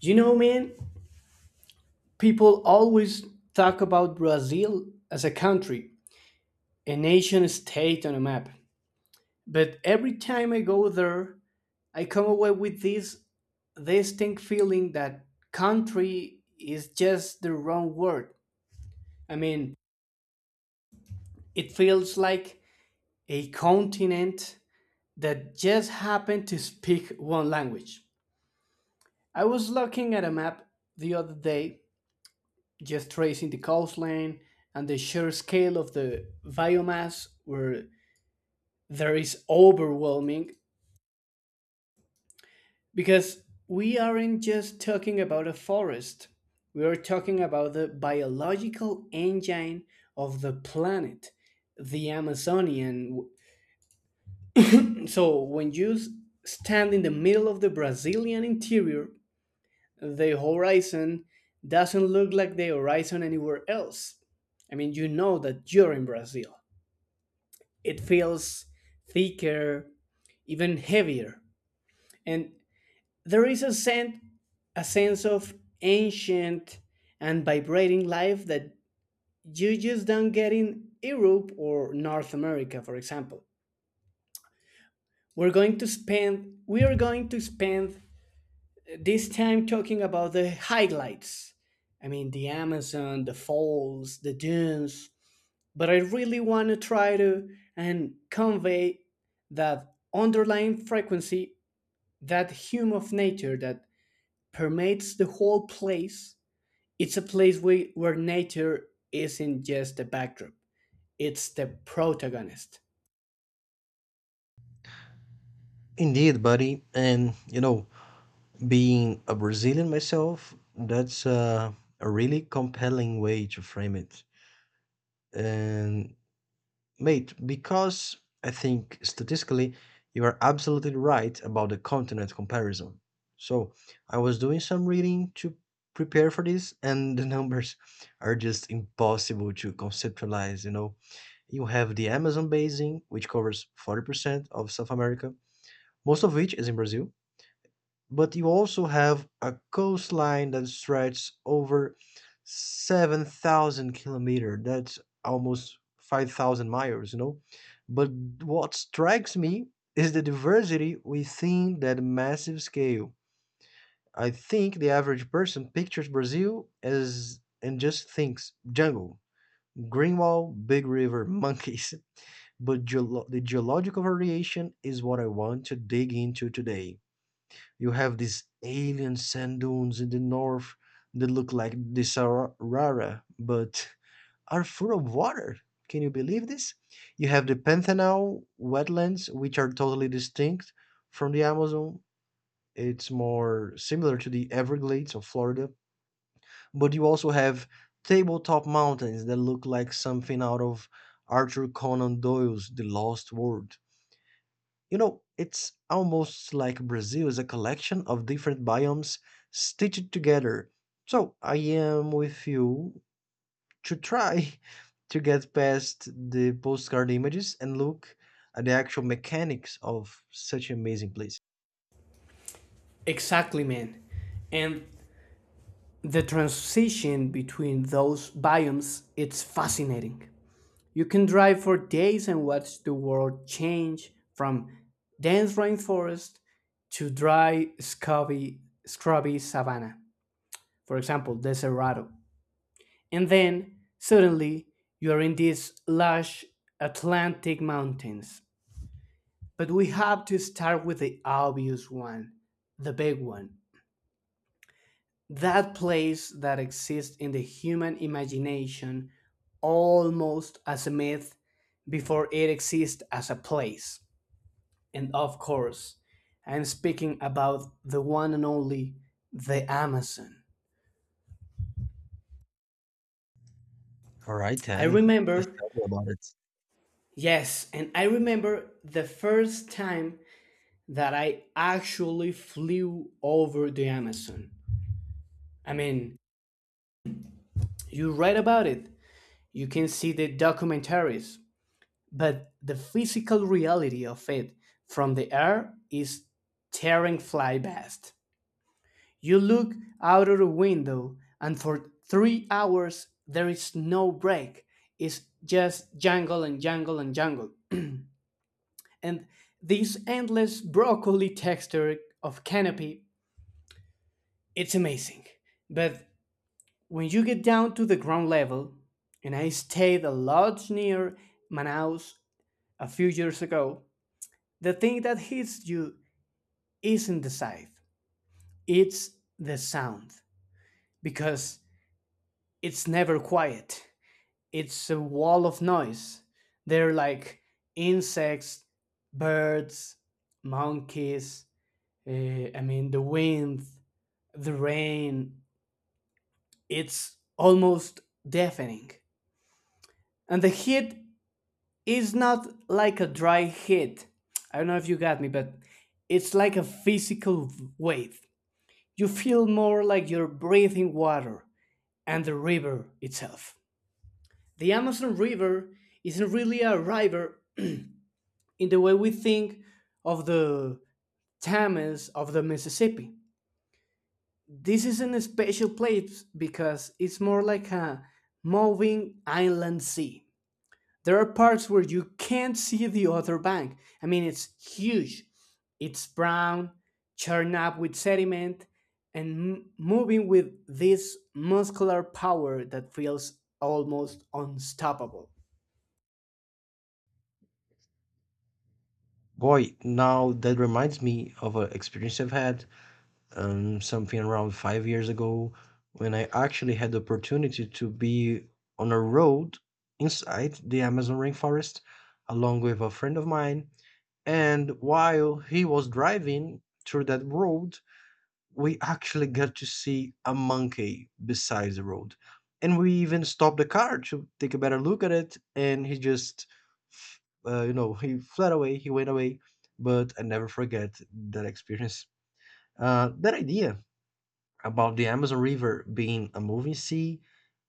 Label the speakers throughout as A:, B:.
A: You know, man, people always talk about Brazil as a country, a nation state on a map. But every time I go there, I come away with this distinct feeling that country is just the wrong word. I mean, it feels like a continent that just happened to speak one language. I was looking at a map the other day, just tracing the coastline and the sheer scale of the biomass, where there is overwhelming, because we aren't just talking about a forest, we are talking about the biological engine of the planet, the amazonian. So when you stand in the middle of the brazilian interior, the horizon doesn't look like the horizon anywhere else. I mean, you know that you're in Brazil. It feels thicker, even heavier. And there is a scent, a sense of ancient and vibrating life that you just don't get in Europe or North America, for example. We are going to spend this time talking about the highlights. I mean the Amazon, the falls, the dunes, but I really want to try to and convey that underlying frequency, that hum of nature that permeates the whole place. It's a place where nature isn't just a backdrop; it's the protagonist.
B: Indeed, buddy. And, you know, being a Brazilian myself, that's a really compelling way to frame it. And, mate, because I think statistically, you are absolutely right about the continent comparison. So, I was doing some reading to prepare for this, and the numbers are just impossible to conceptualize, you know. You have the Amazon basin, which covers 40% of South America, most of which is in Brazil but you also have a coastline that stretches over 7,000 kilometers. That's almost 5,000 miles, you know. But what strikes me is the diversity within that massive scale. I think the average person pictures Brazil as and just thinks jungle, green wall, big river, monkeys. But the geological variation is what I want to dig into today. You have these alien sand dunes in the north that look like the Sahara, but are full of water. Can you believe this? You have the Pantanal wetlands, which are totally distinct from the Amazon. It's more similar to the Everglades of Florida. But you also have tabletop mountains that look like something out of Arthur Conan Doyle's The Lost World. You know, it's almost like Brazil is a collection of different biomes stitched together. So I am with you to try to get past the postcard images and look at the actual mechanics of such an amazing place.
A: Exactly, man. And the transition between those biomes, it's fascinating. You can drive for days and watch the world change from dense rainforest to dry, scrubby savanna, for example, the and then suddenly you are in these lush Atlantic mountains. But we have to start with the obvious one, the big one. That place that exists in the human imagination almost as a myth before it exists as a place. And of course, I'm speaking about the one and only, the Amazon.
B: All right,
A: I
B: then.
A: remember,
B: Tell me about it.
A: yes, and I remember the first time that I actually flew over the Amazon. I mean, you read about it, you can see the documentaries, but the physical reality of it from the air is tearing fly past. You look out of the window, and for 3 hours there is no break. It's just jangle and jangle and jangle. And this endless broccoli texture of canopy, it's amazing. But when you get down to the ground level, and I stayed a lot near Manaus a few years ago, the thing that hits you isn't the sight, it's the sound, because it's never quiet. It's a wall of noise. They're like insects, birds, monkeys, I mean, the wind, the rain. It's almost deafening. And the heat is not like a dry heat. I don't know if you got me, but it's like a physical wave. You feel more like you're breathing water and the river itself. The Amazon River isn't really a river, in the way we think of the Thames of the Mississippi. This isn't a special place because it's more like a moving inland sea. There are parts where you can't see the other bank. I mean, it's huge. It's brown, churned up with sediment, and moving with this muscular power that feels almost unstoppable.
B: Boy, now that reminds me of an experience I've had. Something around 5 years ago when I actually had the opportunity to be on a road inside the Amazon rainforest along with a friend of mine. And while he was driving through that road, we actually got to see a monkey beside the road. And we even stopped the car to take a better look at it. And he just he fled away, he went away. But I never forget that experience. That idea about the Amazon River being a moving sea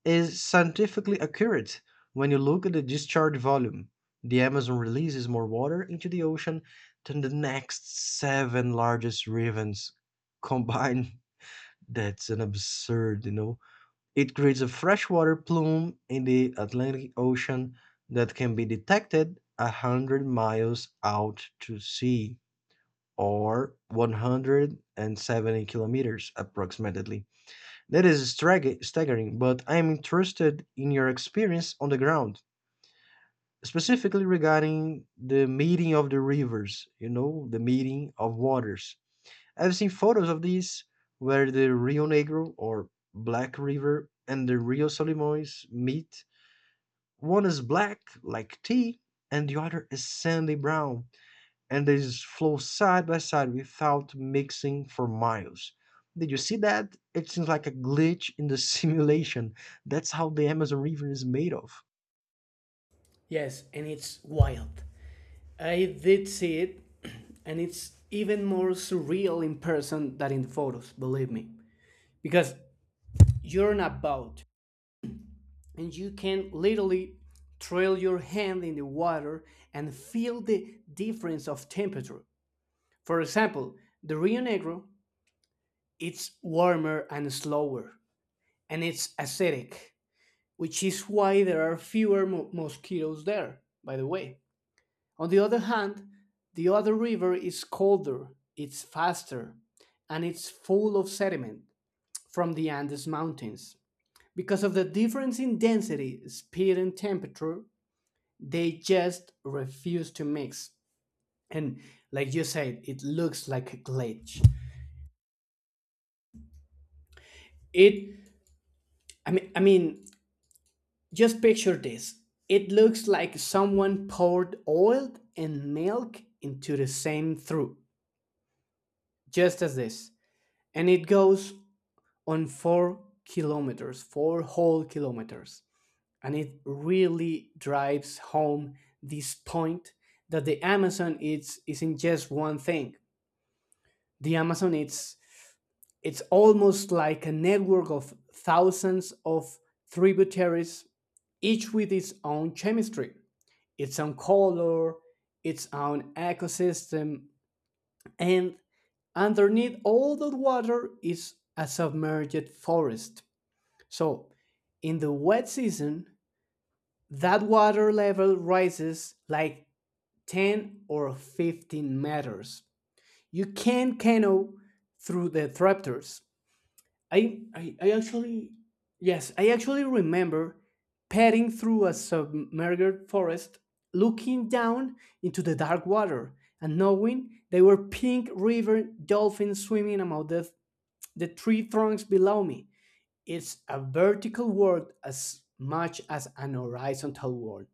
B: is scientifically accurate when you look at the discharge volume. The Amazon releases more water into the ocean than the next seven largest rivers combined. That's an absurd. It creates a freshwater plume in the Atlantic Ocean that can be detected 100 miles out to sea or 170 kilometers approximately. That is staggering, but I am interested in your experience on the ground, specifically regarding the meeting of the rivers, you know, the meeting of waters. I've seen photos of these where the Rio Negro or Black River and the Rio Solimões meet. One is black, like tea, and the other is sandy brown, and they just flow side by side without mixing for miles. Did you see that? It seems like a glitch in the simulation. That's how the Amazon River is made of.
A: Yes, and it's wild. I did see it, and it's even more surreal in person than in the photos, believe me. Because you're on a boat, and you can literally trail your hand in the water and feel the difference of temperature. For example, the Rio Negro, it's warmer and slower, and it's acidic, which is why there are fewer mosquitoes there, by the way. On the other hand, the other river is colder, it's faster, and it's full of sediment from the Andes Mountains. Because of the difference in density, speed, and temperature, they just refuse to mix. And like you said, it looks like a glitch. It, I mean, just picture this. It looks like someone poured oil and milk into the same trough, just as this. And it goes on 4 kilometers, 4 whole kilometers. And it really drives home this point that the Amazon isn't just one thing. The Amazon, it's almost like a network of thousands of tributaries, each with its own chemistry, its own color, its own ecosystem, and underneath all that water is a submerged forest. So, in the wet season, that water level rises like 10 or 15 meters. You can canoe through the trapdoors. I, I, I actually, yes, I actually remember padding through a submerged forest, looking down into the dark water and knowing there were pink river dolphins swimming among the tree trunks below me. It's a vertical world as much as an horizontal world.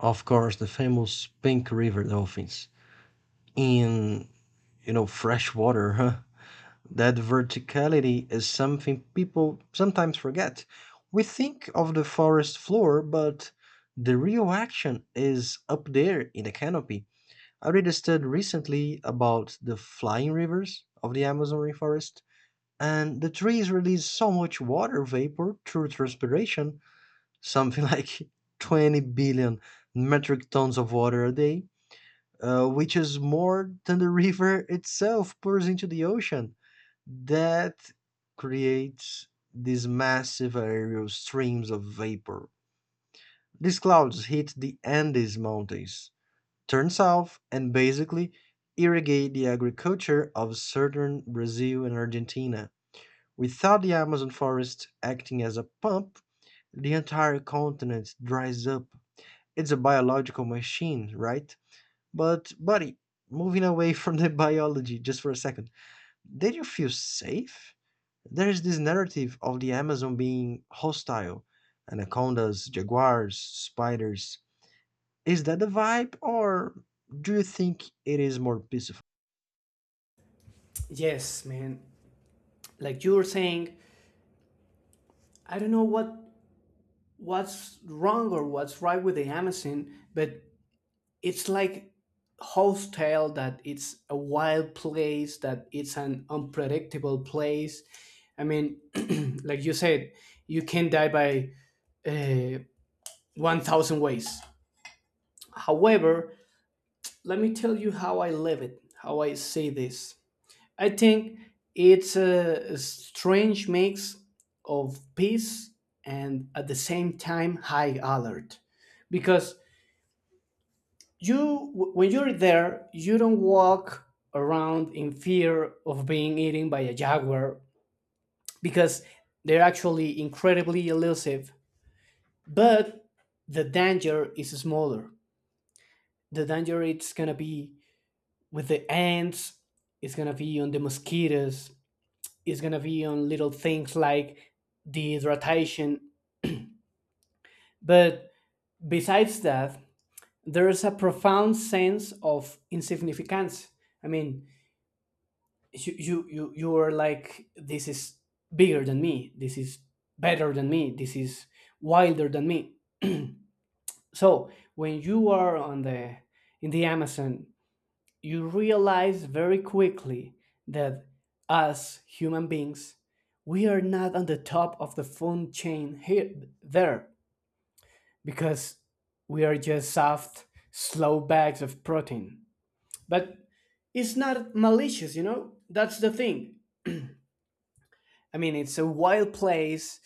B: Of course, the famous pink river dolphins in, you know, fresh water, huh? That verticality is something people sometimes forget. We think of the forest floor, but the real action is up there in the canopy. I read a study recently about the flying rivers of the Amazon rainforest, and the trees release so much water vapor through transpiration, something like 20 billion metric tons of water a day, which is more than the river itself pours into the ocean. That creates these massive aerial streams of vapor. These clouds hit the Andes Mountains, turn south and basically irrigate the agriculture of southern Brazil and Argentina. Without the Amazon forest acting as a pump, the entire continent dries up. It's a biological machine, right? But, buddy, moving away from the biology just for a second, did you feel safe? There's this narrative of the Amazon being hostile anacondas, jaguars, spiders. Is that the vibe, or do you think it is more peaceful?
A: Yes, man. Like you were saying, I don't know what's wrong or what's right with the Amazon, but it's like Host tale that it's a wild place, that it's an unpredictable place. I mean, like you said, you can die by uh, 1,000 ways. However, let me tell you how I live it, how I see this. I think it's a strange mix of peace and at the same time high alert because you when you're there, you don't walk around in fear of being eaten by a jaguar, because they're actually incredibly elusive, but the danger is smaller, the danger it's going to be with the ants, it's going to be on the mosquitoes, is going to be on little things like dehydratation. But besides that, there is a profound sense of insignificance. I mean, you are like, this is bigger than me, this is better than me, this is wilder than me. So when you are on the in the Amazon, you realize very quickly that, as human beings, we are not on the top of the food chain here there, because we are just soft, slow bags of protein. But it's not malicious. That's the thing. I mean, it's a wild place.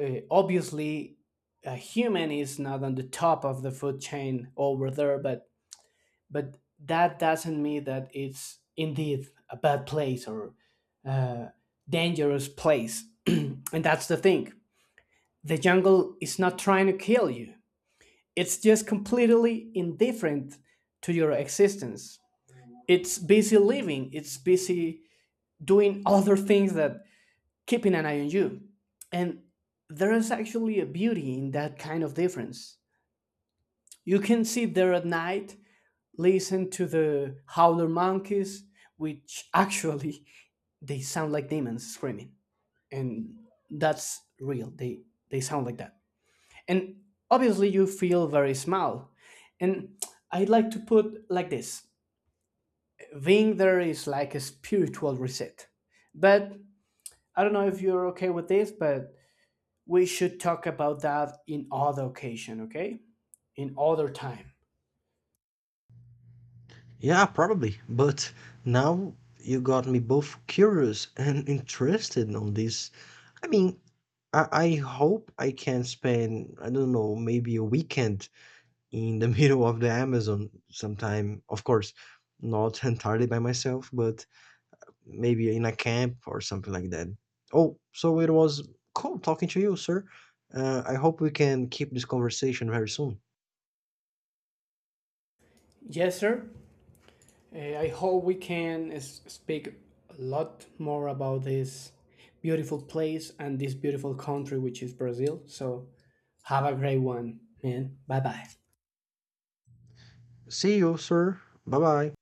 A: Obviously, a human is not on the top of the food chain over there, but that doesn't mean that it's indeed a bad place or uh, dangerous place. And that's the thing. The jungle is not trying to kill you, it's just completely indifferent to your existence. It's busy living, it's busy doing other things that keeping an eye on you. And there is actually a beauty in that kind of difference. You can sit there at night, listen to the howler monkeys, which actually they sound like demons screaming, and that's real, they sound like that. And obviously you feel very small, and I would like to put like this: being there is like a spiritual reset, but I don't know if you're okay with this, but we should talk about that in other occasion, okay, in other time.
B: Yeah, probably. But now you got me both curious and interested on this. I mean, I hope I can spend, I don't know, maybe a weekend in the middle of the Amazon sometime. Of course, not entirely by myself, but maybe in a camp or something like that. Oh, so it was cool talking to you, sir. I hope we can keep this conversation very soon.
A: Yes sir. I hope we can speak a lot more about this beautiful place and this beautiful country, which is Brazil. So, have a great one, man. Bye bye.
B: See you, sir. Bye bye.